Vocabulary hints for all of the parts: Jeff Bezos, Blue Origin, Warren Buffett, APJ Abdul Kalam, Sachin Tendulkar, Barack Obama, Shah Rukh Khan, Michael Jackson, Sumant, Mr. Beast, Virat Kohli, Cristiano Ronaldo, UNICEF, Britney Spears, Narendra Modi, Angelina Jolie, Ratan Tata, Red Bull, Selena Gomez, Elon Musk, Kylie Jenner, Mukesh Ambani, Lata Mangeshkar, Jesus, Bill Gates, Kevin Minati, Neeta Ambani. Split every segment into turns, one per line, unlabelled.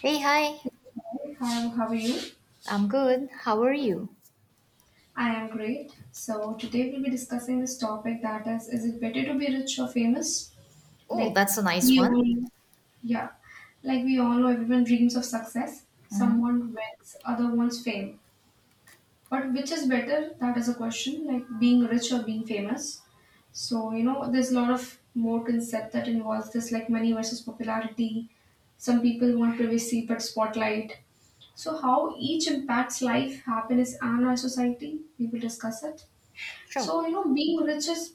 Hey, hi.
Hi, how are you?
I'm good. How are you?
I am great. So today we'll be discussing this topic, that is it better to be rich or famous?
Oh,
Like
that's a nice
we
one.
all, yeah, like we all know everyone dreams of success.
Mm-hmm.
Someone wins, other wants fame. But which is better? That is a question. Like being rich or being famous. So there's a lot of more concept that involves this, like money versus popularity. Some people want privacy but spotlight. So, how each impacts life, happiness, and our society, we will discuss it.
Sure.
So, being rich is,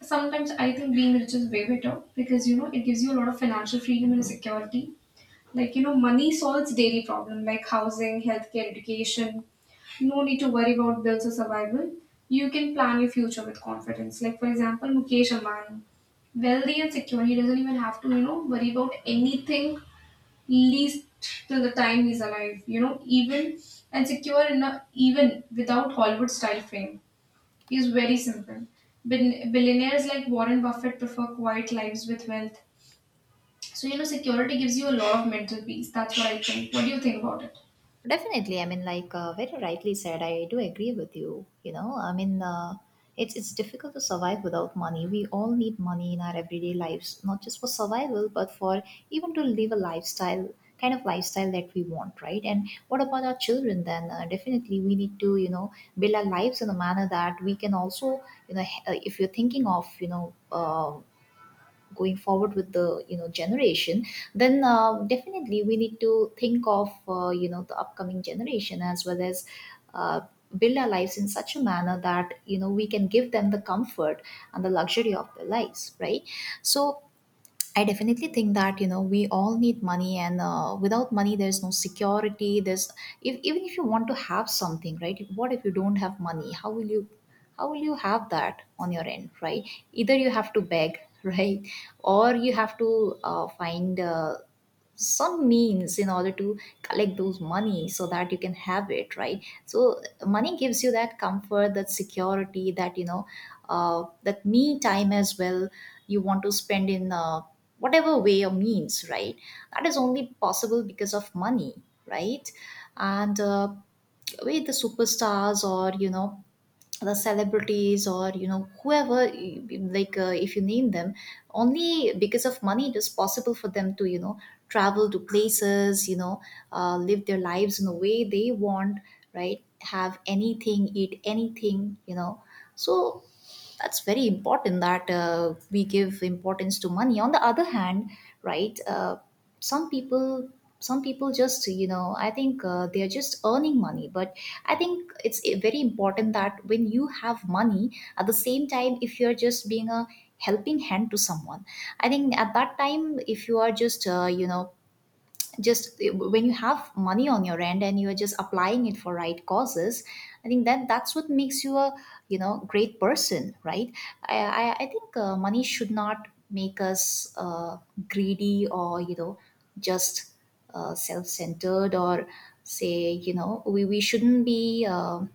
sometimes I think being rich is way better because it gives you a lot of financial freedom and security. Like, money solves daily problem like housing, healthcare, education. No need to worry about bills or survival. You can plan your future with confidence. Like, for example, Mukesh Ambani, wealthy and secure. He doesn't even have to, worry about anything, least till the time he's alive. Even and secure enough, even without Hollywood style fame. He's very simple. Billionaires like Warren Buffett prefer quiet lives with wealth. So, security gives you a lot of mental peace. That's what I think. What do you think about it?
Definitely. I mean, like very rightly said, I do agree with you. You know, I mean, it's difficult to survive without money. We all need money in our everyday lives, not just for survival, but for even to live a lifestyle kind of lifestyle that we want, right? And what about our children then? Definitely, we need to build our lives in a manner that we can also if you're thinking of uh, going forward with the generation, then definitely we need to think of the upcoming generation as well as uh, build our lives in such a manner that we can give them the comfort and the luxury of their lives, right. So I definitely think that we all need money, and without money, there's no security. There's if, even if you want to have something, right? What if you don't have money? How will you have that on your end, right? Either you have to beg, right, or you have to find some means in order to collect those money so that you can have it, right? So money gives you that comfort, that security, that you know that me time as well you want to spend in whatever way or means, right. That is only possible because of money, right. And with the superstars or the celebrities or whoever if you name them, only because of money it is possible for them to travel to places, live their lives in a way they want, right. Have anything, eat anything, so that's very important, that we give importance to money on the other hand, right. Some people some people just I think they are just earning money, but I think it's very important that when you have money, at the same time, if you're just being a helping hand to someone, I think at that time, if you are just when you have money on your end and you are just applying it for right causes, I think that that's what makes you a great person, right. I think money should not make us greedy or just self-centered, or say, you know,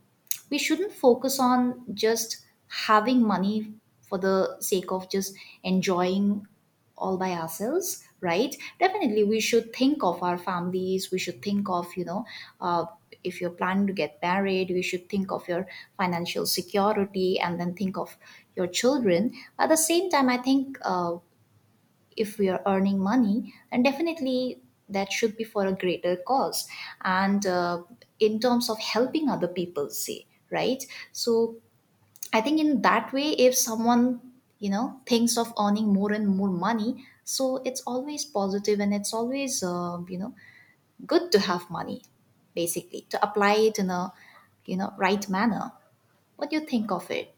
we shouldn't focus on just having money for the sake of just enjoying all by ourselves, right. Definitely we should think of our families, we should think of, uh, if you're planning to get married, we should think of your financial security, and then think of your children. At the same time, I think if we are earning money, then definitely that should be for a greater cause, and in terms of helping other people, say, right? So I think in that way, if someone, thinks of earning more and more money, so it's always positive and it's always, good to have money, basically, to apply it in a, right manner. What do you think of it?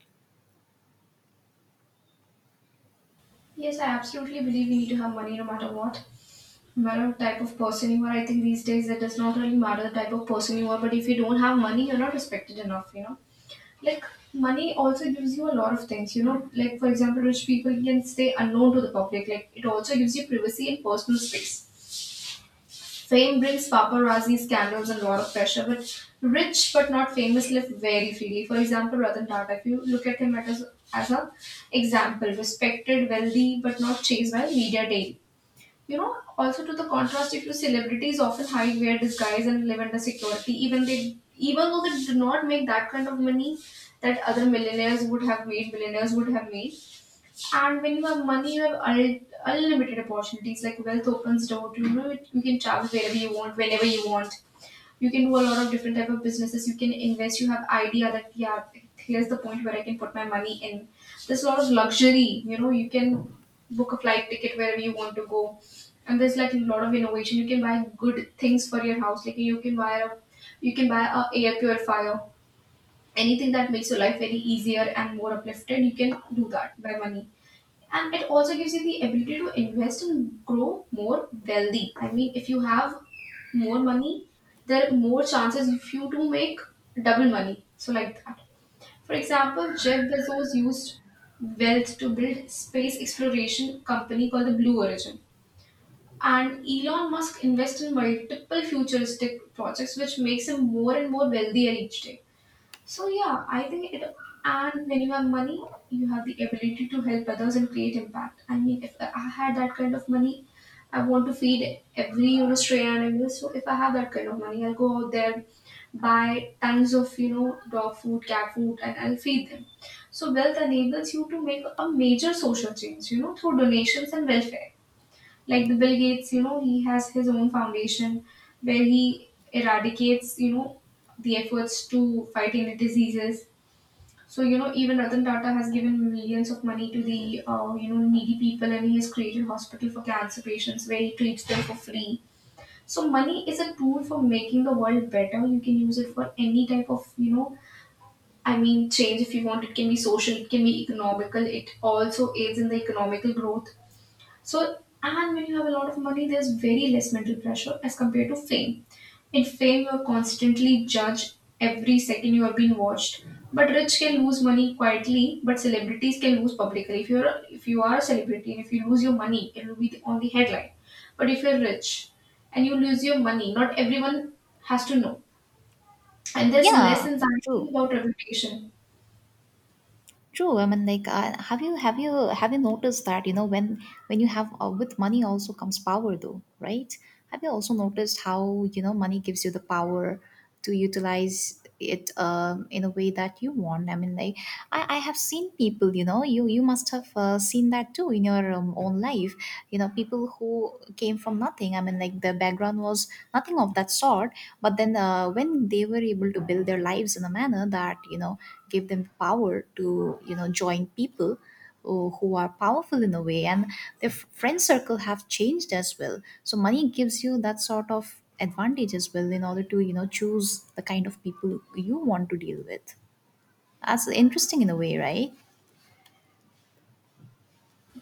Yes, I absolutely believe we need to have money no matter what. No matter the type of person you are, I think these days it does not really matter the type of person you are, but if you don't have money, you're not respected enough. Like, money also gives you a lot of things, like for example rich people can stay unknown to the public, like it also gives you privacy and personal space. Fame brings paparazzi scandals and a lot of pressure, but rich but not famous live very freely. For example, Ratan Tata, if you look at him at as an example, respected, wealthy, but not chased by media daily. Also, to the contrast, if you celebrities often hide, wear disguise, and live under security, even they, even though they do not make that kind of money that other millionaires would have made, millionaires would have made. And when you have money, you have unlimited opportunities. Like wealth opens door to, you can travel wherever you want, whenever you want. You can do a lot of different type of businesses. You can invest. You have idea that, yeah, here's the point where I can put my money in. There's a lot of luxury, you can book a flight ticket wherever you want to go. And there's like a lot of innovation. You can buy good things for your house, like you can buy a air purifier, anything that makes your life very easier and more uplifted. You can do that by money. And it also gives you the ability to invest and grow more wealthy. I mean, if you have more money, there are more chances if you to make double money. So, like that, for example, Jeff Bezos used wealth to build space exploration company called the Blue Origin. And Elon Musk invests in multiple futuristic projects which makes him more and more wealthier each day. So yeah, I think it. And when you have money, you have the ability to help others and create impact. I mean, if I had that kind of money, I want to feed every, stray animal. So if I have that kind of money, I'll go out there, buy tons of, dog food, cat food, and I'll feed them. So wealth enables you to make a major social change, through donations and welfare. Like the Bill Gates, he has his own foundation where he eradicates, the efforts to fight any diseases. So, even Ratan Tata has given millions of money to the, needy people and he has created hospital for cancer patients where he treats them for free. So money is a tool for making the world better. You can use it for any type of, I mean, change if you want. It can be social, it can be economical. It also aids in the economical growth. So, and when you have a lot of money, there's very less mental pressure as compared to fame. In fame, you're constantly judged, every second you are being watched. But rich can lose money quietly, but celebrities can lose publicly. If you are a celebrity and if you lose your money, it will be on the headline. But if you're rich and you lose your money, not everyone has to know. And there's
Yeah,
less anxiety
true.
about reputation.
True. I mean, like, have you noticed that, you know when you have with money also comes power, though, right? Have you also noticed how money gives you the power to utilize it, in a way that you want? I mean, like, I have seen people, you know, you must have seen that too in your own life. You know, people who came from nothing thing, I mean, like, the background was nothing of that sort, but then when they were able to build their lives in a manner that gave them power to join people who are powerful in a way, and their friend circle have changed as well. So money gives you that sort of advantage as well, in order to choose the kind of people you want to deal with. That's interesting in a way, right?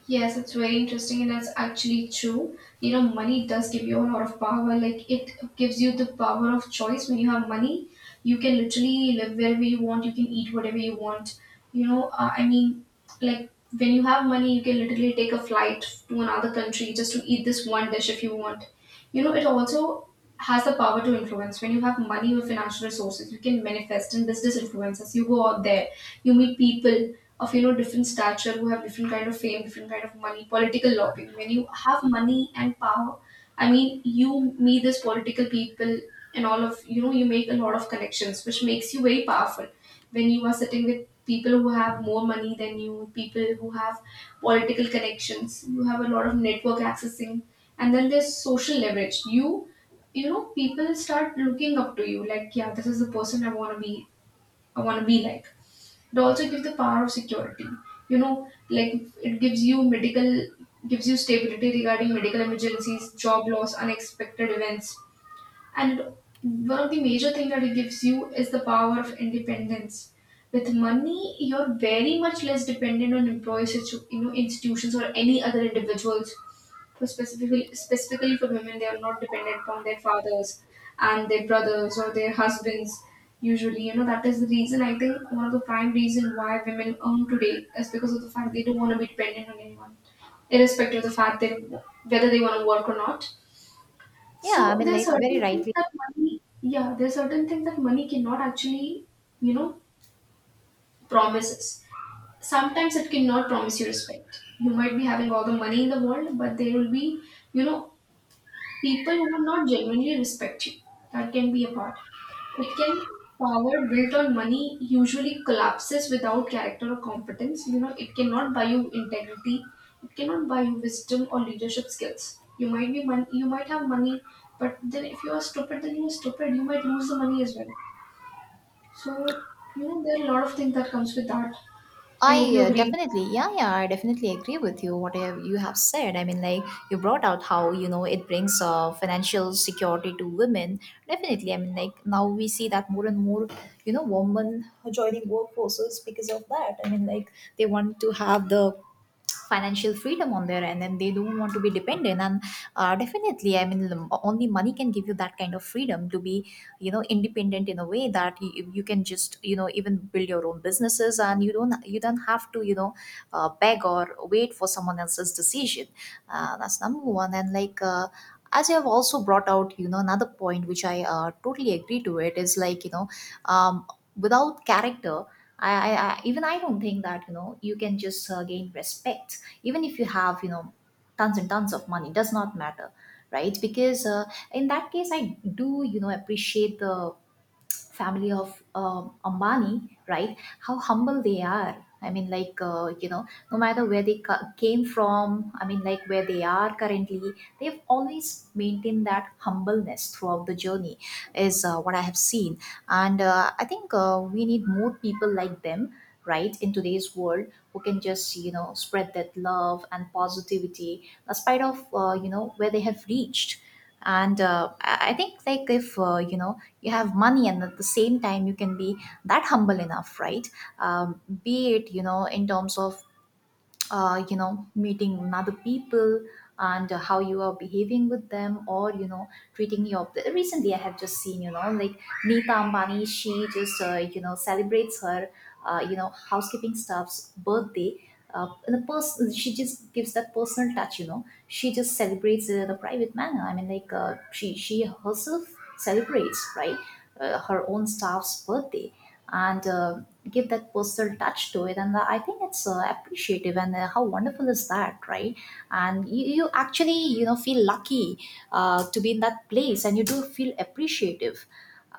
Yes, it's very interesting, and that's actually true. Money does give you a lot of power. Like, it gives you the power of choice. When you have money, you can literally live wherever you want, you can eat whatever you want. I mean, like, when you have money, you can literally take a flight to another country just to eat this one dish if you want. It also has the power to influence. When you have money or financial resources, you can manifest in business influences. You go out there, you meet people, of different stature who have different kind of fame, different kind of money, political lobbying. When you have money and power, I mean, you meet this political people, and all of, you make a lot of connections which makes you very powerful. When you are sitting with people who have more money than you, people who have political connections, you have a lot of network accessing. And then there's social leverage. You know people start looking up to you like, yeah, this is the person I want to be. I want to be like. It also gives the power of security. Like it gives you medical, gives you stability regarding medical emergencies, job loss, unexpected events. And one of the major things that it gives you is the power of independence. With money, you're very much less dependent on employee institutions or any other individuals for specifically, for women, they are not dependent upon their fathers and their brothers or their husbands usually. That is the reason I think one of the prime reason why women earn today is because of the fact they don't want to be dependent on anyone, irrespective of the fact that whether they want to work or not.
Yeah. I
So
mean
there are
like very
certain things
rightly
that money, yeah, there are certain things that money cannot actually, you know promises. Sometimes it cannot promise you respect. You might be having all the money in the world, but there will be, you know people who will not genuinely respect you. That can be a part. It can, power built on money usually collapses without character or competence. It cannot buy you integrity. It cannot buy you wisdom or leadership skills. You might be money. You might have money, but then if you are stupid, then you are stupid. You might lose the money as well. So, there are a lot of things that comes with that. I
I
hope you agree.
definitely, yeah, yeah, I definitely agree with you. What you have said, I mean, like, you brought out how it brings financial security to women. Definitely, I mean, like, now we see that more and more, you know, women are joining workforces because of that. I mean, like, they want to have the financial freedom on their end, and they don't want to be dependent, and definitely I mean l- only money can give you that kind of freedom to be independent in a way that you can just even build your own businesses, and you don't have to beg or wait for someone else's decision. That's number one, and like, as you have also brought out, another point which I totally agree to, it is like, um, without character I even I don't think that you can just gain respect even if you have, tons and tons of money. Does not matter, right? Because in that case, I do appreciate the family of Ambani, right? How humble they are. I mean, like, no matter where they came from, I mean, like, where they are currently, they've always maintained that humbleness throughout the journey, is what I have seen. And I think we need more people like them, right, in today's world, who can just, you know, spread that love and positivity, despite of, where they have reached. And I think, like, if you have money, and at the same time you can be that humble enough, right? Be it, you know, in terms of meeting other people, and how you are behaving with them, or you know treating your recently I have just seen, Neeta Ambani, she just celebrates her housekeeping staff's birthday, in a person, she just gives that personal touch, she just celebrates it in a private manner. I mean, like, she herself celebrates, right, her own staff's birthday, and give that personal touch to it, and I think it's appreciative, and how wonderful is that, right? And you actually feel lucky, to be in that place, and you do feel appreciative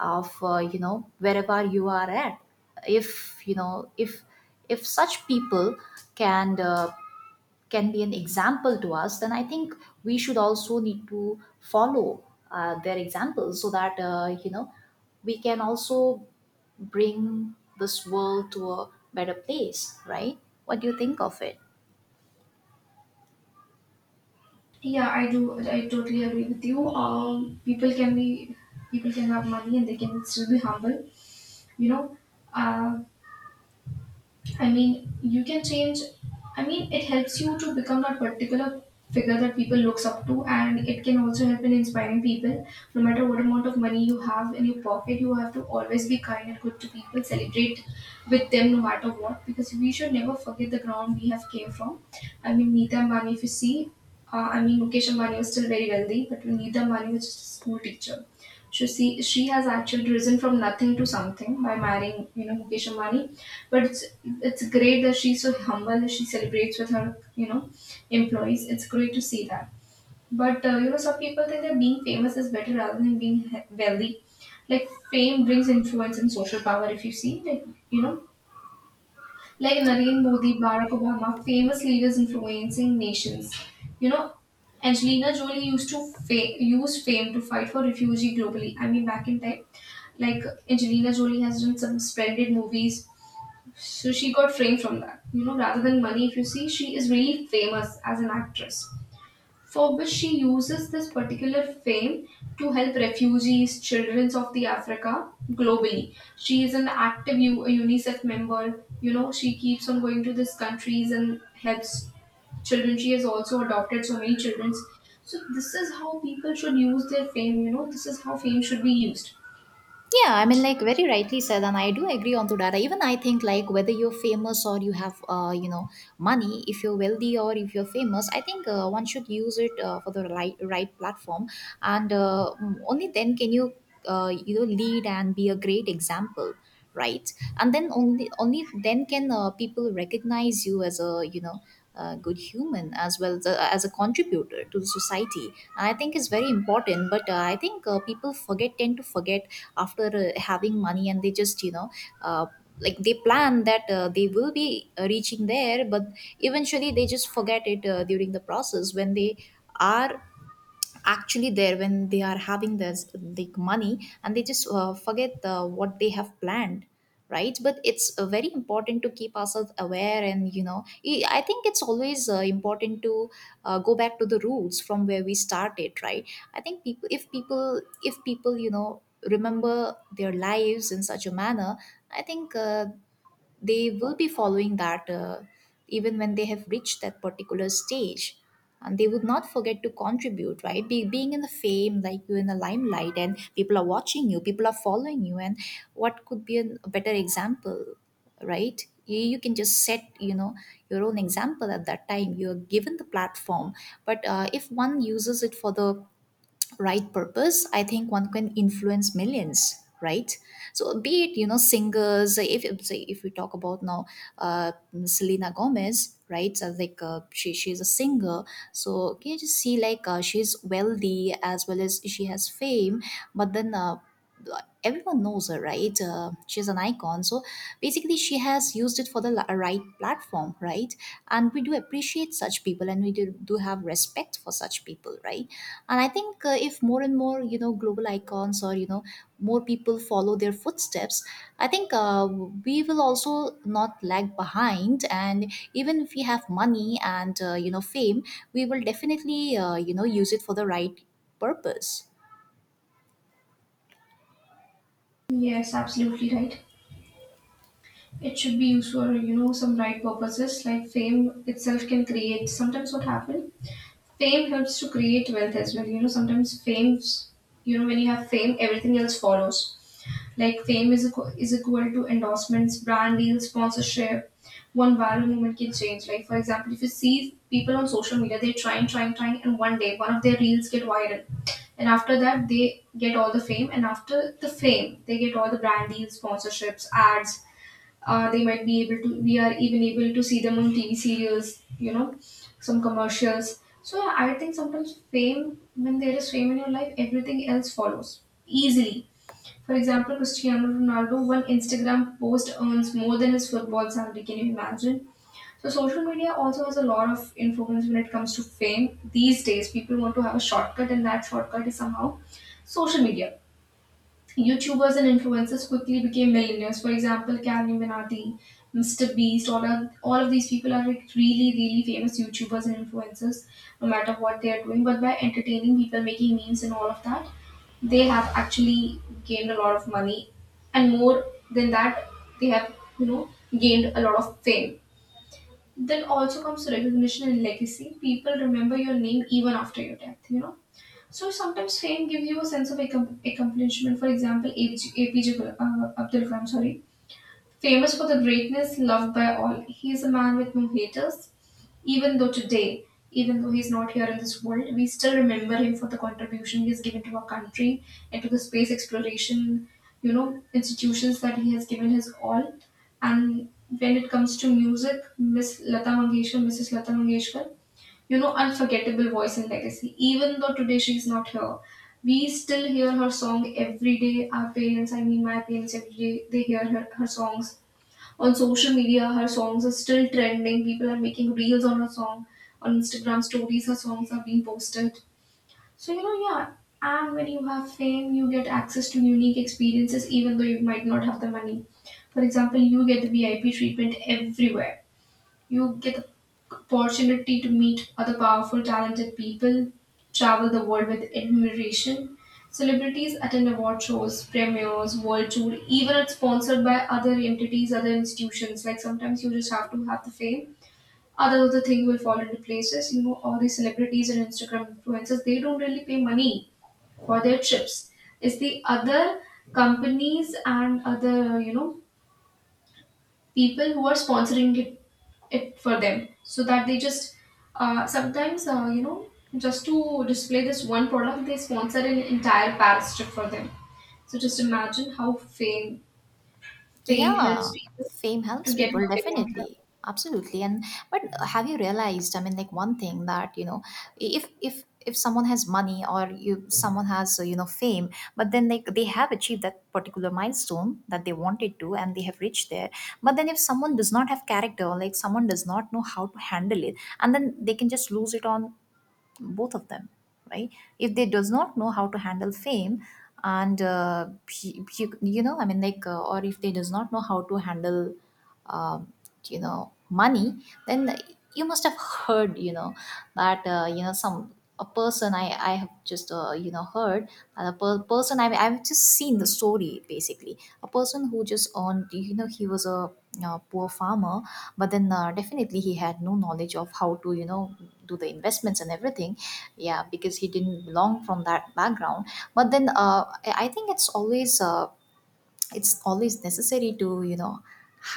of, wherever you are at, if you know if such people can uh, can be an example to us, then I think we should also need to follow their examples, so that we can also bring this world to a better place, right? What do you think of it?
Yeah, I do. I totally agree with you. People can have money and they can still be humble. You know, uh, I mean, you can change. I mean, it helps you to become that particular figure that people looks up to, and it can also help in inspiring people. No matter what amount of money you have in your pocket, you have to always be kind and good to people. Celebrate with them no matter what, because we should never forget the ground we have came from. I mean, Neeta Ambani, if you see, I mean, Mukesh Ambani was still very wealthy, but Neeta Ambani was just a school teacher. She has actually risen from nothing to something by marrying, Mukesh Ambani, but it's great that she's so humble, that she celebrates with her, employees. It's great to see that. But some people think that being famous is better rather than being wealthy. Like fame brings influence and social power. If you see, like like Narendra Modi, Barack Obama, famous leaders influencing nations. You know, Angelina Jolie used to use fame to fight for refugee globally. I mean, back in time, like Angelina Jolie has done some splendid movies, so she got framed from that. Rather than money, if you see, she is really famous as an actress, for which she uses this particular fame to help refugees, children of the Africa globally. She is an active UNICEF member. You know, she keeps on going to these countries and helps children. She has also adopted so many children. So this is how people should use their fame. You know, this is how fame should be used.
Yeah, I mean, like, very rightly said, and I do agree on to that. Even I think, like, whether you're famous or you have, money, if you're wealthy or if you're famous, I think one should use it for the right platform, and only then can you, lead and be a great example, right? And then only then can people recognize you as a. A good human as well as as a contributor to the society, and I think is very important. But I think people forget tend to forget after having money, and they just uh, like they plan that they will be reaching there, but eventually they just forget it during the process, when they are actually there, when they are having this like money, and they just forget what they have planned, right? But it's very important to keep ourselves aware. And you know, I think it's always important to go back to the roots from where we started, right? I think people if people if people you know remember their lives in such a manner, I think they will be following that, even when they have reached that particular stage, and they would not forget to contribute, right? Being in the fame, like you're in the limelight and people are watching you, people are following you, and what could be a better example, right? You can just set, you know, your own example. At that time, you're given the platform, but if one uses it for the right purpose, I think one can influence millions, right? So be it, you know, singers. If say if we talk about now, uh, Selena Gomez, right? So, like, she's a singer. So can you just see, like, she's wealthy as well as she has fame. But then, like, everyone knows her, right? She's an icon. So basically she has used it for the right platform, right? And we do appreciate such people, and we do have respect for such people, right? And I think if more and more, you know, global icons, or you know, more people follow their footsteps, I think we will also not lag behind. And even if we have money and, you know, fame, we will definitely, you know, use it for the right purpose.
Yes, absolutely right. It should be used for, you know, some right purposes like fame itself can create. Sometimes what happens, fame helps to create wealth as well. You know, sometimes you know, when you have fame, everything else follows. Like fame is equal to endorsements, brand deals, sponsorship. One viral moment can change. Like for example, if you see people on social media, they're trying, and one day one of their reels get viral, and after that they get all the fame, and after the fame they get all the brand deals, sponsorships, ads. They might be able to, we are even able to see them on TV serials, you know, some commercials. So I think sometimes fame, when there is fame in your life, everything else follows easily. For example, Cristiano Ronaldo, one Instagram post earns more than his football salary. Can you imagine? So social media also has a lot of influence when it comes to fame. These days people want to have a shortcut, and that shortcut is somehow social media. YouTubers and influencers quickly became millionaires. For example, Kevin Minati, Mr. Beast, all of these people are like really famous YouTubers and influencers, no matter what they are doing. But by entertaining people, making memes and all of that, they have actually gained a lot of money. And more than that, they have, you know, gained a lot of fame. Then also comes recognition and legacy. People remember your name even after your death, you know, so sometimes fame gives you a sense of accomplishment. For example, APJ, Abdul Kalam, sorry, famous for the greatness, loved by all. He is a man with no haters. Even though today, even though he's not here in this world, we still remember him for the contribution he has given to our country and to the space exploration, you know, institutions that he has given his all. And when it comes to music, Miss Lata Mangeshkar, Mrs. Lata Mangeshkar, you know, unforgettable voice and legacy. Even though today she's not here, we still hear her song every day. Our parents, I mean my parents, every day they hear her songs. On social media, her songs are still trending. People are making reels on her song. On Instagram stories, her songs are being posted. So, you know, yeah. And when you have fame, you get access to unique experiences, even though you might not have the money. For example, you get the VIP treatment everywhere. You get the opportunity to meet other powerful, talented people, travel the world with admiration. Celebrities attend award shows, premieres, world tour, even it's sponsored by other entities, other institutions. Like sometimes you just have to have the fame. Other the thing will fall into places. You know, all these celebrities and Instagram influencers, they don't really pay money for their trips. It's the other companies and other, you know, people who are sponsoring it for them, so that they just sometimes, you know, just to display this one product, they sponsor an entire Paris trip for them. So just imagine how fame helps
Yeah,
people
fame
to
helps
get
people
what they want.
definitely. Absolutely. And but have you realized, I mean, like, one thing that, you know, if someone has money, or you someone has, you know, fame, but then like they have achieved that particular milestone that they wanted to, and they have reached there. But then if someone does not have character, or like someone does not know how to handle it, and then they can just lose it on both of them, right? If they does not know how to handle fame, and you know, I mean, like, or if they does not know how to handle, um, you know, money, then you must have heard, you know, that you know, some a person I have just, you know, heard, that a person I've just seen the story, basically. A person who just earned, you know, he was a poor farmer, but then definitely he had no knowledge of how to, you know, do the investments and everything. Yeah, because he didn't belong from that background. But then I think it's always necessary to, you know,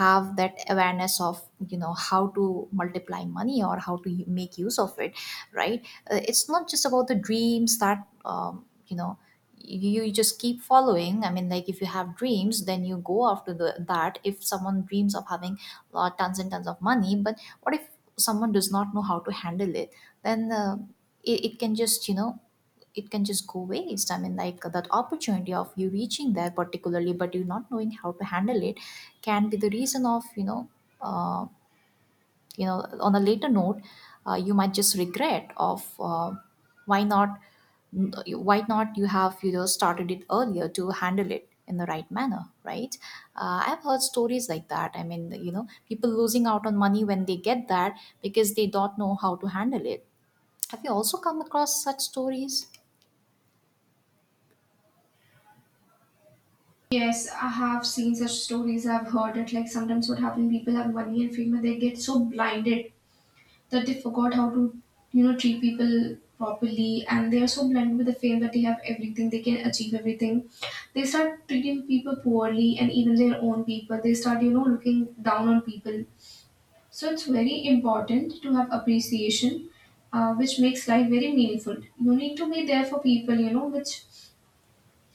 have that awareness of, you know, how to multiply money or how to make use of it, right? It's not just about the dreams that, you know, you just keep following. I mean, like, if you have dreams, then you go after that. If someone dreams of having, tons and tons of money, but what if someone does not know how to handle it, then it can just, you know, it can just go waste. I mean, like, that opportunity of you reaching there particularly, but you not knowing how to handle it, can be the reason of, you know, uh, you know, on a later note, you might just regret of, why not why not you have, you know, started it earlier to handle it in the right manner, right? I've heard stories like that. I mean, you know, people losing out on money when they get that, because they don't know how to handle it. Have you also come across such stories?
Yes, I have seen such stories. I've heard it. Like sometimes what happens, people have money and fame, and they get so blinded that they forgot how to, you know, treat people properly, and they are so blinded with the fame that they have everything, they can achieve everything. They start treating people poorly, and even their own people they start, you know, looking down on people. So it's very important to have appreciation, which makes life very meaningful. You need to be there for people, you know, which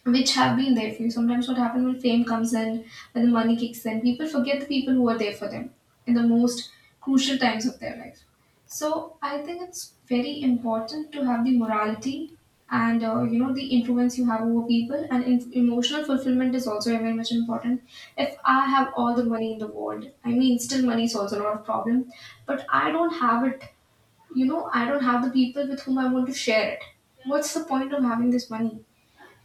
which have been there for you. Sometimes what happens, when fame comes in, when the money kicks in, people forget the people who are there for them in the most crucial times of their life. So I think it's very important to have the morality, and you know, the influence you have over people, and emotional fulfillment is also very much important. If I have all the money in the world, I mean still money is also not a problem, but I don't have it, you know, I don't have the people with whom I want to share it. What's the point of having this money?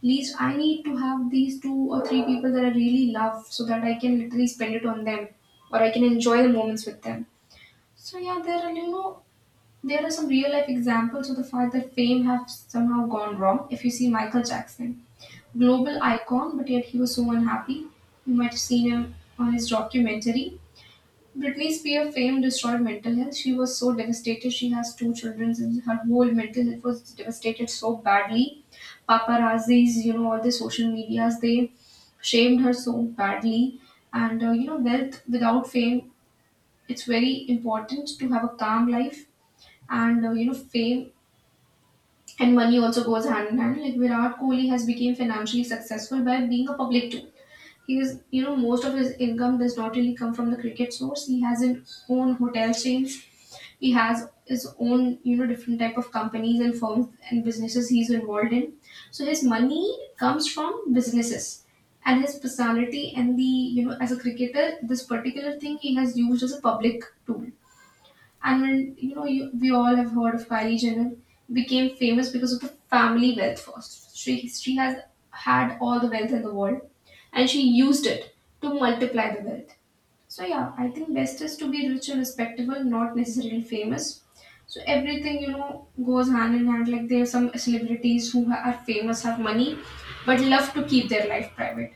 Least I need to have these two or three people that I really love, so that I can literally spend it on them, or I can enjoy the moments with them. So yeah, there are, you know, there are some real life examples of the fact that fame has somehow gone wrong. If you see Michael Jackson, global icon, but yet he was so unhappy. You might have seen him on his documentary. Britney Spears' fame destroyed mental health. She was so devastated. She has two children, and her whole mental health was devastated so badly. Paparazzis, you know, all the social medias, they shamed her so badly. And you know, wealth without fame, it's very important to have a calm life. And you know, fame and money also goes hand in hand. Like Virat Kohli has become financially successful by being a public too. He is, you know, most of his income does not really come from the cricket source. He has his own hotel chains, he has his own, you know, different type of companies and firms and businesses he's involved in. So his money comes from businesses, and his personality and the, you know, as a cricketer, this particular thing he has used as a public tool. And when you know, you, we all have heard of Kylie Jenner, became famous because of the family wealth first. She has had all the wealth in the world, and she used it to multiply the wealth. So yeah, I think best is to be rich and respectable, not necessarily famous. So everything, you know, goes hand in hand. Like there are some celebrities who are famous, have money, but love to keep their life private.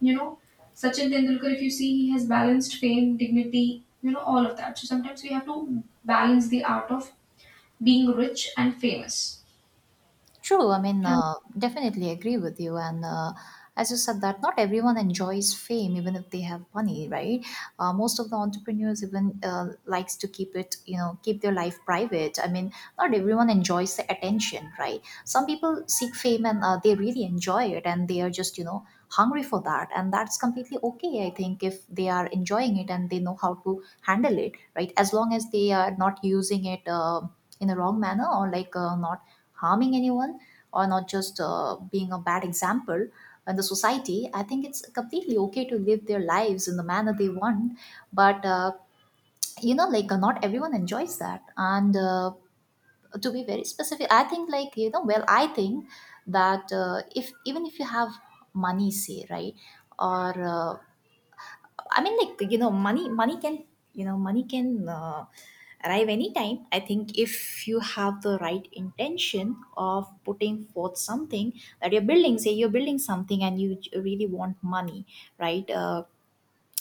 You know, Sachin Tendulkar, if you see, he has balanced fame, dignity, you know, all of that. So sometimes we have to balance the art of being rich and famous.
True. I mean,
Um,
definitely agree with you. And as you said, that not everyone enjoys fame, even if they have money, right? Most of the entrepreneurs even likes to keep it, you know, keep their life private. I mean, not everyone enjoys the attention, right? Some people seek fame and they really enjoy it, and they are just, you know, hungry for that, and that's completely okay. I think if they are enjoying it and they know how to handle it, right? As long as they are not using it in a wrong manner, or like not harming anyone, or not just being a bad example in the society, I think it's completely okay to live their lives in the manner they want. But you know, like, not everyone enjoys that. And to be very specific, I think, like, you know, well, I think that if even if you have money, say, right? Or uh, I mean, like, you know, money can, you know, money can arrive anytime. I think if you have the right intention of putting forth something that you're building, say you're building something and you really want money, right?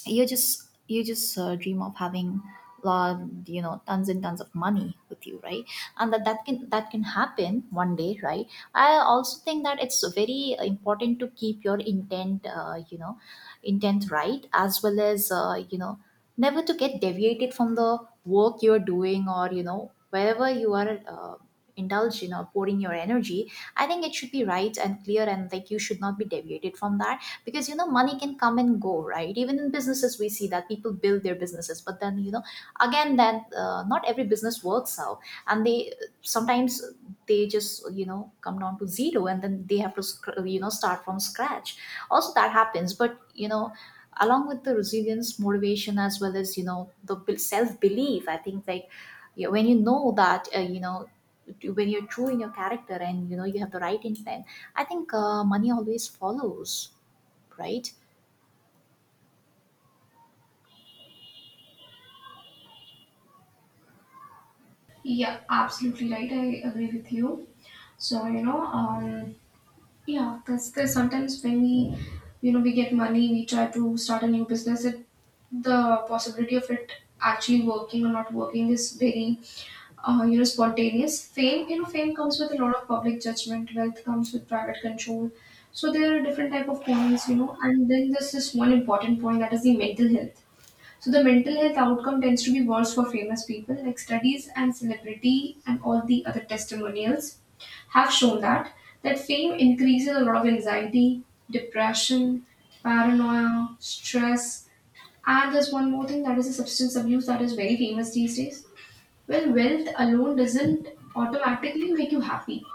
You just dream of having lot you know, tons and tons of money with you, right? And that can happen one day, right? I also think that it's very important to keep your intent, you know, intent, right, as well as, you know, never to get deviated from the work you're doing, or you know wherever you are, indulging or pouring your energy. I think it should be right and clear, and like you should not be deviated from that. Because you know, money can come and go, right? Even in businesses, we see that people build their businesses, but then, you know, again then, not every business works out, and they, sometimes, they just, you know, come down to zero, and then they have to you know, start from scratch. Also that happens, but you know, along with the resilience, motivation, as well as, you know, the self belief, I think, like, you know, when you know that, you know, when you're true in your character and you know you have the right intent, I think money always follows, right?
yeah, absolutely right. I agree with you. So, you know, yeah, that's the sometimes when we, you know, we get money, we try to start a new business. It, the possibility of it actually working or not working is very, you know, spontaneous. Fame, you know, fame comes with a lot of public judgment. Wealth comes with private control. So there are different type of points, you know, and then there's this one important point, that is the mental health. So the mental health outcome tends to be worse for famous people. Like studies and celebrity and all the other testimonials have shown that fame increases a lot of anxiety, depression, paranoia, stress, and there's one more thing, that is a substance abuse that is very famous these days. Well, wealth alone doesn't automatically make you happy.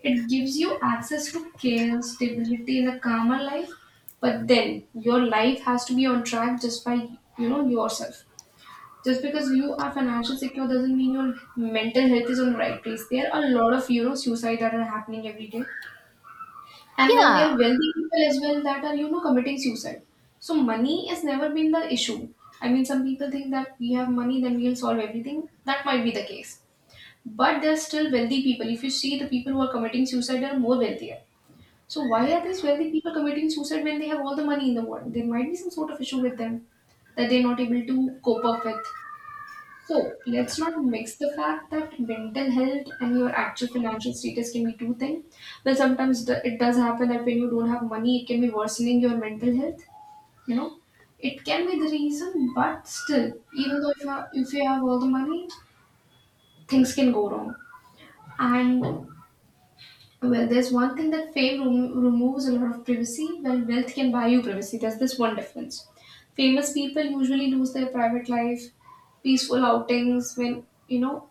It gives you access to care, stability, and a calmer life, but then your life has to be on track just by, you know, yourself. Just because you are financially secure doesn't mean your mental health is on the right place. There are a lot of, you know, suicide that are happening every day, and then there
Yeah,
are wealthy people as well that are, you know, committing suicide. So money has never been the issue. I mean, some people think that we have money, then we'll solve everything. That might be the case, but there are still wealthy people. If you see, the people who are committing suicide are more wealthier. So why are these wealthy people committing suicide when they have all the money in the world? There might be some sort of issue with them that they're not able to cope up with. So let's not mix the fact that mental health and your actual financial status can be two things. Well, sometimes it does happen that when you don't have money, it can be worsening your mental health. You know, it can be the reason, but still, even though if you have all the money, things can go wrong. And well, there's one thing, that fame removes a lot of privacy, while wealth can buy you privacy. There's this one difference. Famous people usually lose their private life, peaceful outings. When,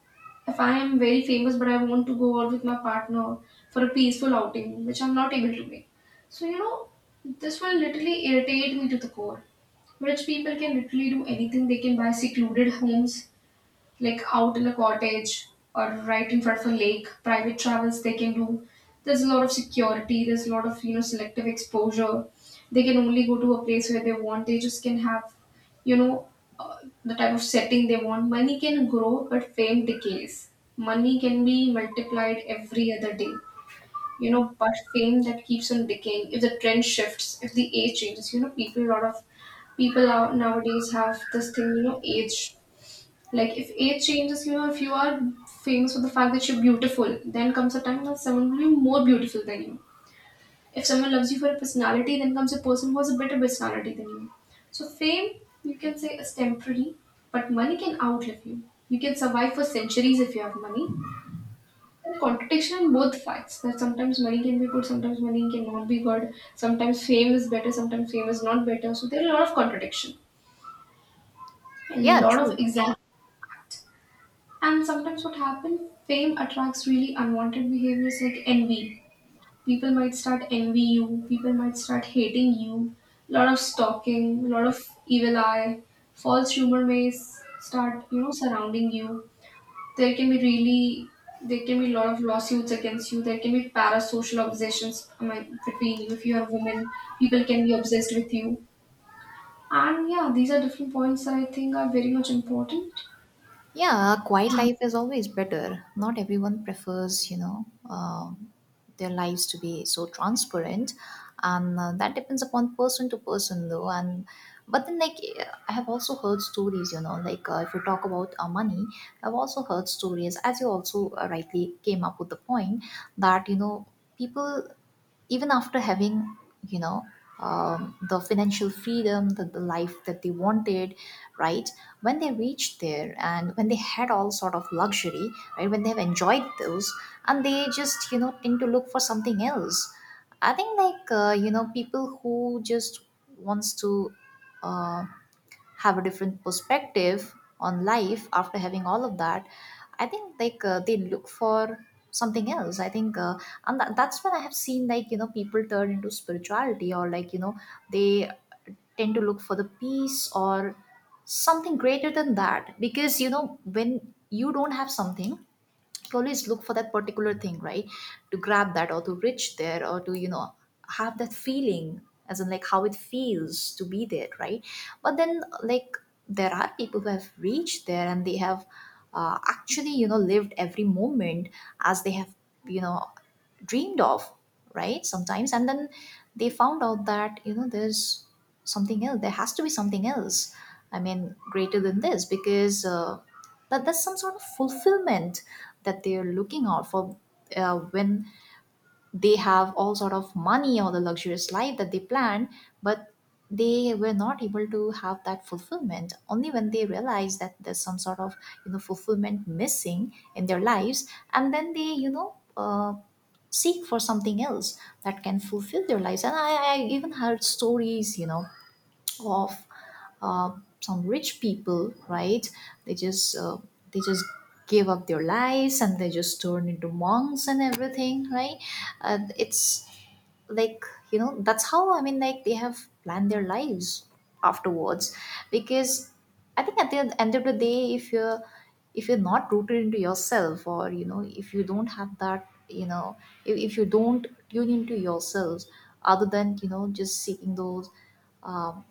if I am very famous but I want to go out with my partner for a peaceful outing, which I'm not able to make. So, this will literally irritate me to the core. Rich people can literally do anything. They can buy secluded homes like out in a cottage or right in front of a lake. Private travels they can do. There's a lot of security. There's a lot of selective exposure. They can only go to a place where they want. They just can have you know uh, the type of setting they want. Money can grow, but fame decays. Money can be multiplied every other day. You know, but fame that keeps on decaying. If the trend shifts, if the age changes, you know, people, a lot of people out nowadays have this thing, you know, age. Like if age changes, you know, if you are famous for the fact that you're beautiful, then comes a time when someone will be more beautiful than you. If someone loves you for a personality, then comes a person who has a better personality than you. So fame, you can say, is temporary, but money can outlive you. You can survive for centuries if you have money. And the contradiction in both facts that sometimes money can be good, sometimes money cannot be good, sometimes fame is better, sometimes fame is not better. So there are a lot of contradiction and a
yeah,
lot
true.
of examples. And sometimes what happens, fame attracts really unwanted behaviors like envy. People might start envy you, people might start hating you, lot of stalking, lot of evil eye, false rumor may start, you know, surrounding you. There can be really there can be a lot of lawsuits against you. There can be parasocial obsessions between you. If you are a woman, people can be obsessed with you. And yeah, these are different points that I think are very much important.
Yeah, a quiet life is always better. Not everyone prefers, you know, their lives to be so transparent, and that depends upon person to person, though. And but then, like, I have also heard stories, you know, like if you talk about money, I've also heard stories, as you also rightly came up with the point, that you know, people, even after having, you know, the financial freedom, the life that they wanted, right, when they reached there, and when they had all sort of luxury, right, when they have enjoyed those, and they just, you know, tend to look for something else. I think, like, you know, people who just wants to, uh, have a different perspective on life after having all of that, I think, like, they look for something else. I think, and that's when I have seen, like, you know, people turn into spirituality, or like you know, they tend to look for the peace, or something greater than that. Because you know, when you don't have something, you always look for that particular thing, right, to grab that, or to reach there, or to, you know, have that feeling, as in like how it feels to be there, right? But then, like, there are people who have reached there and they have, actually, you know, lived every moment as they have, you know, dreamed of, right, sometimes. And then they found out that, you know, there's something else. There has to be something else, I mean, greater than this, because that there's some sort of fulfillment that they're looking out for, when they have all sort of money, or the luxurious life that they plan. But they were not able to have that fulfillment. Only when they realize that there's some sort of, you know, fulfillment missing in their lives, and then they, you know, seek for something else that can fulfill their lives. And I even heard stories, you know, of some rich people, right? They just they just give up their lives, and they just turn into monks and everything, right? And it's like, you know, that's how, I mean, like, they have planned their lives afterwards. Because I think at the end of the day, if you're not rooted into yourself, or you know, if you don't have that, you know, if you don't tune into yourselves, other than, you know, just seeking those, um,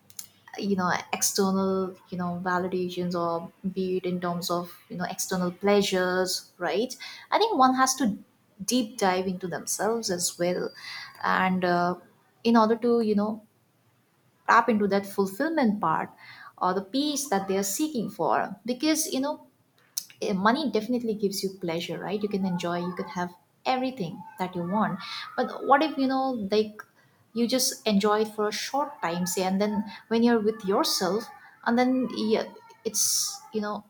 you know, external, you know, validations, or be it in terms of, you know, external pleasures, right? I think one has to deep dive into themselves as well, and in order to, you know, tap into that fulfillment part, or the peace that they are seeking for. Because you know, money definitely gives you pleasure, right? You can enjoy, you can have everything that you want. But what if, you know, like, you just enjoy it for a short time, say, and then when you're with yourself, and then yeah, it's, you know,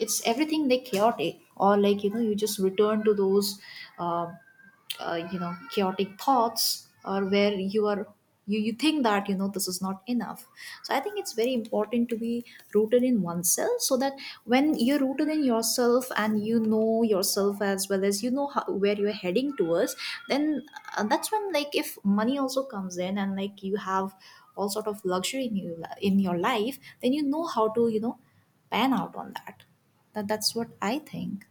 it's everything like chaotic, or like you know, you just return to those um you know, chaotic thoughts, or where you are, you think that, you know, this is not enough. So I think it's very important to be rooted in oneself, so that when you're rooted in yourself, and you know yourself, as Well, as you know how, where you're heading towards, then that's when, like, if money also comes in and like you have all sort of luxury in you in your life, then you know how to pan out on that. That's what I think.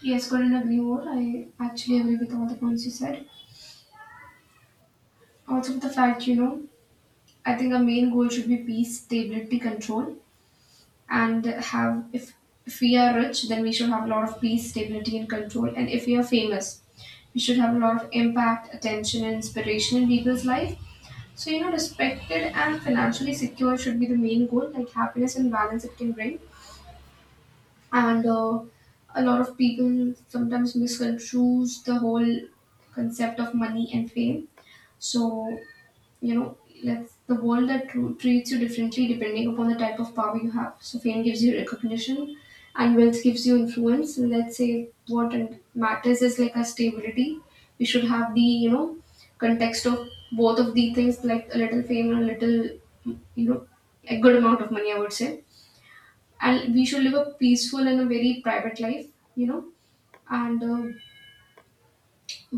Yes, couldn't agree more. I actually agree with all the points you said. Also, with the fact, you know, I think our main goal should be peace, stability, control, and have if we are rich, then we should have a lot of peace, stability, and control. And if we are famous, we should have a lot of impact, attention, and inspiration in people's life. So you know, respected and financially secure should be the main goal. Like happiness and balance it can bring. And a lot of people sometimes misconstrues the whole concept of money and fame. So you know, let's the world that treats you differently depending upon the type of power you have. So fame gives you recognition and wealth gives you influence. So, let's say what and matters is like a stability. We should have the, you know, context of both of the things, like a little fame and a little, you know, a good amount of money, I would say. And we should live a peaceful and a very private life, you know. And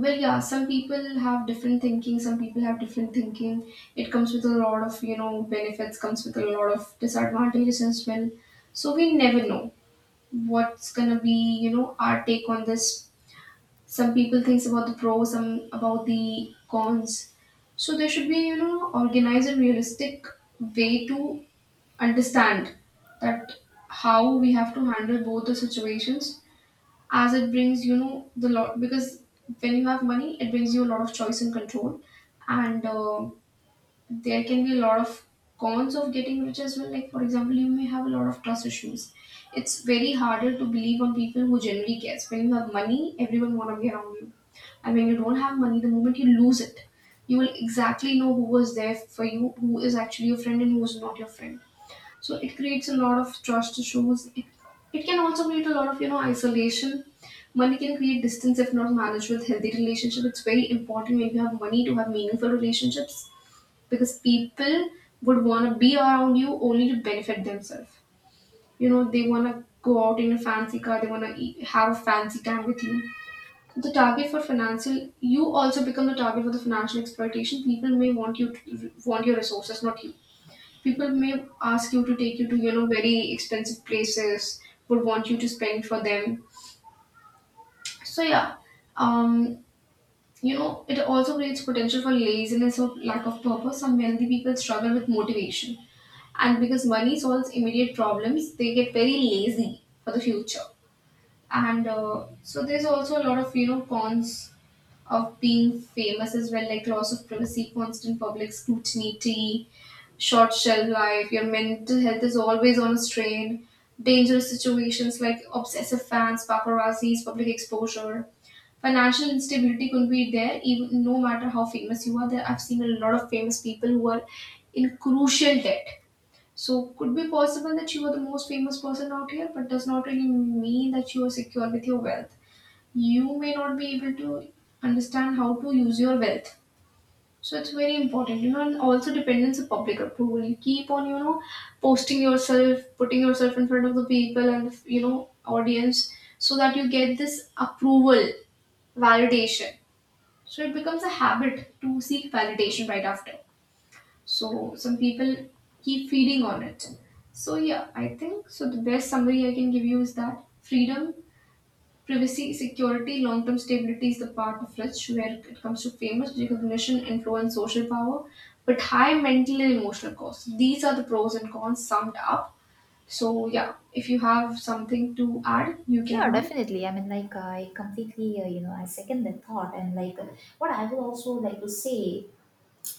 well, yeah, some people have different thinking. It comes with a lot of, you know, benefits, comes with a lot of disadvantages as well. So we never know what's gonna be, you know, our take on this. Some people thinks about the pros, some about the cons. So there should be, you know, organized and realistic way to understand that how we have to handle both the situations, as it brings, you know, the lot. Because when you have money, it brings you a lot of choice and control. And there can be a lot of cons of getting rich as well, like for example, you may have a lot of trust issues. It's very harder to believe on people who generally cares. When you have money, everyone want to be around you, and when you don't have money, the moment you lose it, you will exactly know who was there for you, who is actually your friend and who is not your friend. So it creates a lot of trust issues. It can also create a lot of, you know, isolation. Money can create distance if not managed with healthy relationship. It's very important when you have money to have meaningful relationships, because people would want to be around you only to benefit themselves. You know, they want to go out in a fancy car, they want to eat, have a fancy time with you. The target for financial, you also become the target for the financial exploitation. People may want you to want your resources, not you. People may ask you to take you to, you know, very expensive places, would want you to spend for them. So yeah, um, you know, it also creates potential for laziness or lack of purpose. Some wealthy people struggle with motivation. And because money solves immediate problems, they get very lazy for the future. And so there's also a lot of, you know, cons of being famous as well, like loss of privacy, constant public scrutiny, short shelf life, your mental health is always on a strain, dangerous situations like obsessive fans, paparazzis, public exposure. Financial instability could be there even no matter how famous you are. There I've seen a lot of famous people who are in crucial debt. So could be possible that you are the most famous person out here, but does not really mean that you are secure with your wealth. You may not be able to understand how to use your wealth. So it's very important, you know, and also dependence of public approval. You keep on, you know, posting yourself, putting yourself in front of the people and, you know, audience, so that you get this approval, validation. So it becomes a habit to seek validation right after. So some people keep feeding on it. So yeah, I think so. The best summary I can give you is that freedom, privacy, security, long term stability is the part of rich, where it comes to famous recognition, influence, social power, but high mental and emotional costs. These are the pros and cons summed up. So, yeah, if you have something to add, you can
Yeah,
add.
definitely. I mean, like, I completely, I second that thought. And, like, what I will also like to say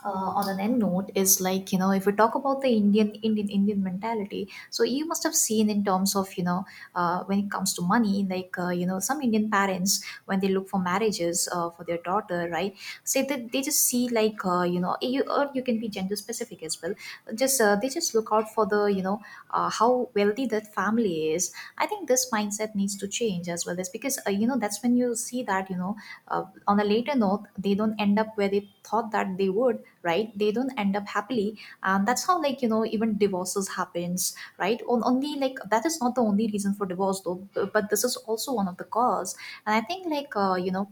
on an end note is, like, you know, if we talk about the Indian mentality, so you must have seen in terms of, you know, when it comes to money, like, some Indian parents, when they look for marriages for their daughter, right, say that they just see, like, you, or you can be gender specific as well, just they just look out for the, you know, how wealthy that family is. I think this mindset needs to change as well, as because, you know, that's when you see that, you know, uh, on a later note, they don't end up where they thought that they would, right, they don't end up happily. And that's how, like, you know, even divorces happens, right, on only, like, that is not the only reason for divorce, though, but this is also one of the cause. And I think, like,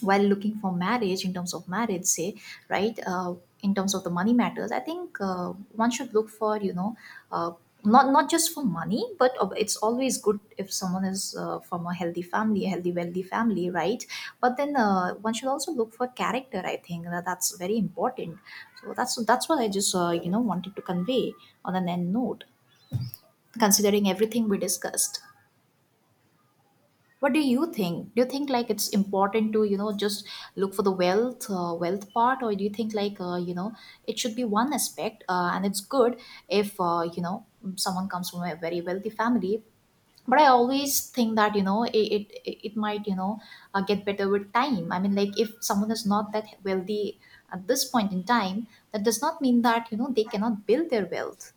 while looking for marriage, in terms of marriage, say, right, in terms of the money matters, I think, one should look for, you know, uh, not just for money, but it's always good if someone is from a healthy family, a healthy wealthy family, right. But then, one should also look for character. I think that's very important. So that's what I just wanted to convey on an end note. Considering everything we discussed, what do you think? Do you think, like, it's important to, you know, just look for the wealth, wealth part? Or do you think, like, it should be one aspect, and it's good if, someone comes from a very wealthy family. But I always think that, you know, it might, you know, get better with time. I mean, like, if someone is not that wealthy at this point in time, that does not mean that, you know, they cannot build their wealth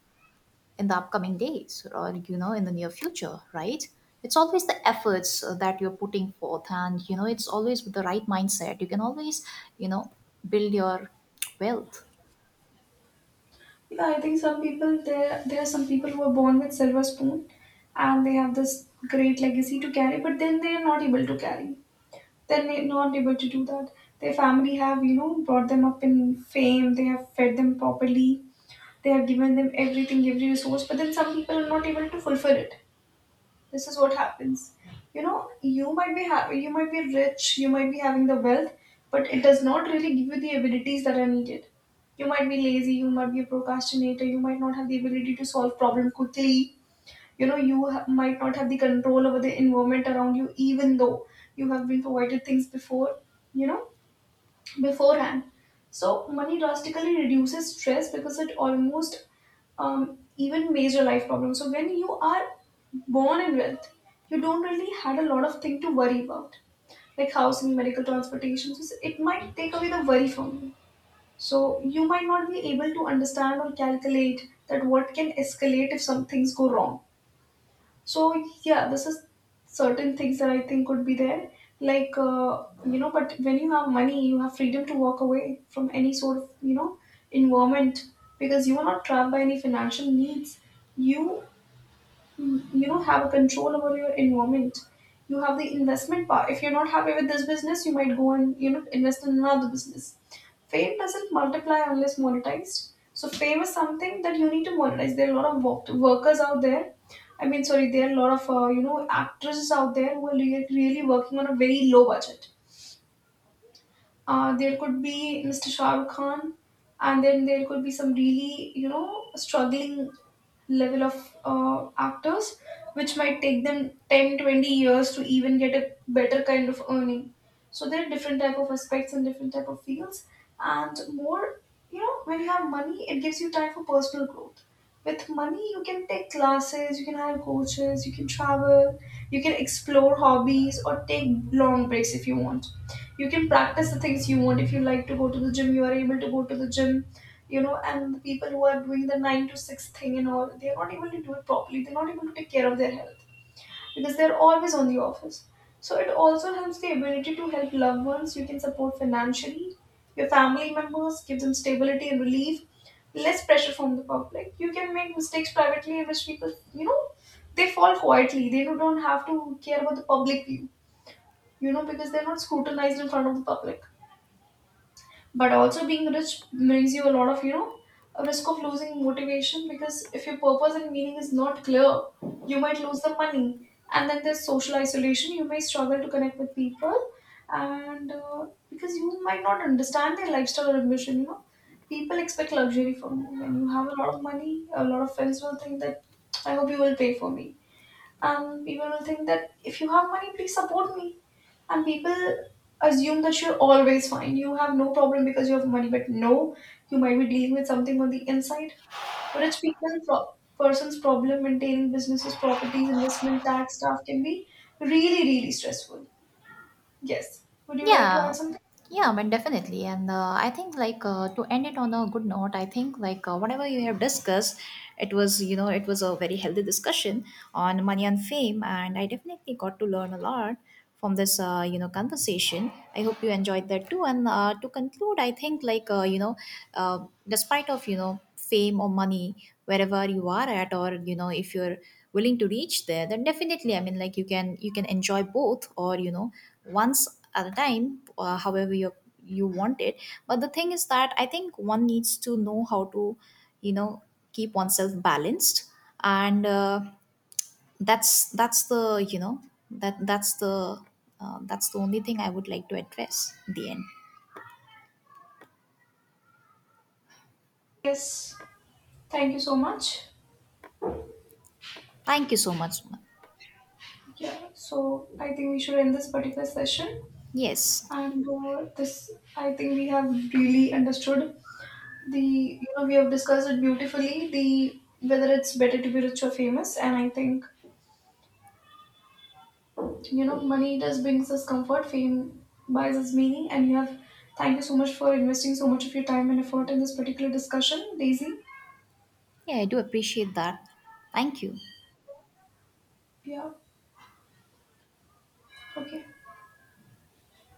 in the upcoming days, or, you know, in the near future, right. It's always the efforts that you're putting forth, and, you know, it's always with the right mindset, you can always, you know, build your wealth.
Yeah, I think some people, there are some people who are born with silver spoon and they have this great legacy to carry, but then they are not able to carry. Not able to do that. Their family have, you know, brought them up in fame, they have fed them properly. They have given them everything, every resource, but then some people are not able to fulfill it. This is what happens. You know, you might be you might be rich, you might be having the wealth, but it does not really give you the abilities that are needed. You might be lazy, you might be a procrastinator, you might not have the ability to solve problem quickly. You know, you might not have the control over the environment around you, even though you have been provided things before. You know, beforehand. So money drastically reduces stress, because it almost even major life problems. So when you are born in wealth, you don't really had a lot of thing to worry about, like housing, medical transportation. So it might take away the worry from you. So you might not be able to understand or calculate that what can escalate if some things go wrong. So yeah, this is certain things that I think could be there. Like you know, but when you have money, you have freedom to walk away from any sort of, you know, environment, because you are not trapped by any financial needs. You you know, have a control over your environment. You have the investment power. If you're not happy with this business, you might go and, you know, invest in another business. Fame doesn't multiply unless monetized. So fame is something that you need to monetize. There are a lot of workers out there, I mean sorry, there are a lot of you know, actresses out there who are really really working on a very low budget. There could be Mr. Shah Rukh Khan, and then there could be some really, you know, struggling level of actors, which might take them 10, 20 years to even get a better kind of earning. So there are different type of aspects and different type of fields, and more, you know, when you have money, it gives you time for personal growth. With money, you can take classes, you can hire coaches, you can travel, you can explore hobbies, or take long breaks if you want. You can practice the things you want. If you like to go to the gym, you are able to go to the gym, you know. And the people who are doing the 9 to 6 thing and all, they are not able to do it properly, they're not able to take care of their health, because they're always on the office. So it also helps the ability to help loved ones. You can support financially your family members, give them stability and relief. Less pressure from the public. You can make mistakes privately, in which people, you know, they fall quietly, they don't have to care about the public view, you know, because they're not scrutinized in front of the public. But also being rich brings you a lot of, you know, a risk of losing motivation, because if your purpose and meaning is not clear, you might lose the money. And then there's social isolation, you may struggle to connect with people. And because you might not understand their lifestyle or ambition, you know, people expect luxury from you. When you have a lot of money, a lot of friends will think that, I hope you will pay for me. And people will think that if you have money, please support me. And people assume that you're always fine, you have no problem because you have money. But no, you might be dealing with something on the inside. Rich person's problem, maintaining businesses, properties, investment, tax stuff can be really really stressful. Yes, would you like to
Yeah,
add something?
yeah, I mean, definitely. And I think, like, to end it on a good note, I think, like, whatever you have discussed, it was, you know, it was a very healthy discussion on money and fame. And I definitely got to learn a lot from this, conversation. I hope you enjoyed that too. And to conclude, I think, like, despite of, you know, fame or money, wherever you are at, or, you know, if you're willing to reach there, then definitely, I mean, like, you can enjoy both, or, you know, once at a time, however you you want it. But the thing is that I think one needs to know how to, you know, keep oneself balanced. And that's the you know that that's the only thing I would like to address in the end.
Yes, thank you so much.
Thank you so much, Sumant.
Yeah, so I think we should end this particular session.
Yes.
And this, I think we have really understood the, you know, we have discussed it beautifully, the whether it's better to be rich or famous. And I think, you know, money does brings us comfort, fame buys us meaning. And you have, thank you so much for investing so much of your time and effort in this particular discussion, Daisy.
Yeah, I do appreciate that. Thank you.
Yeah. Okay.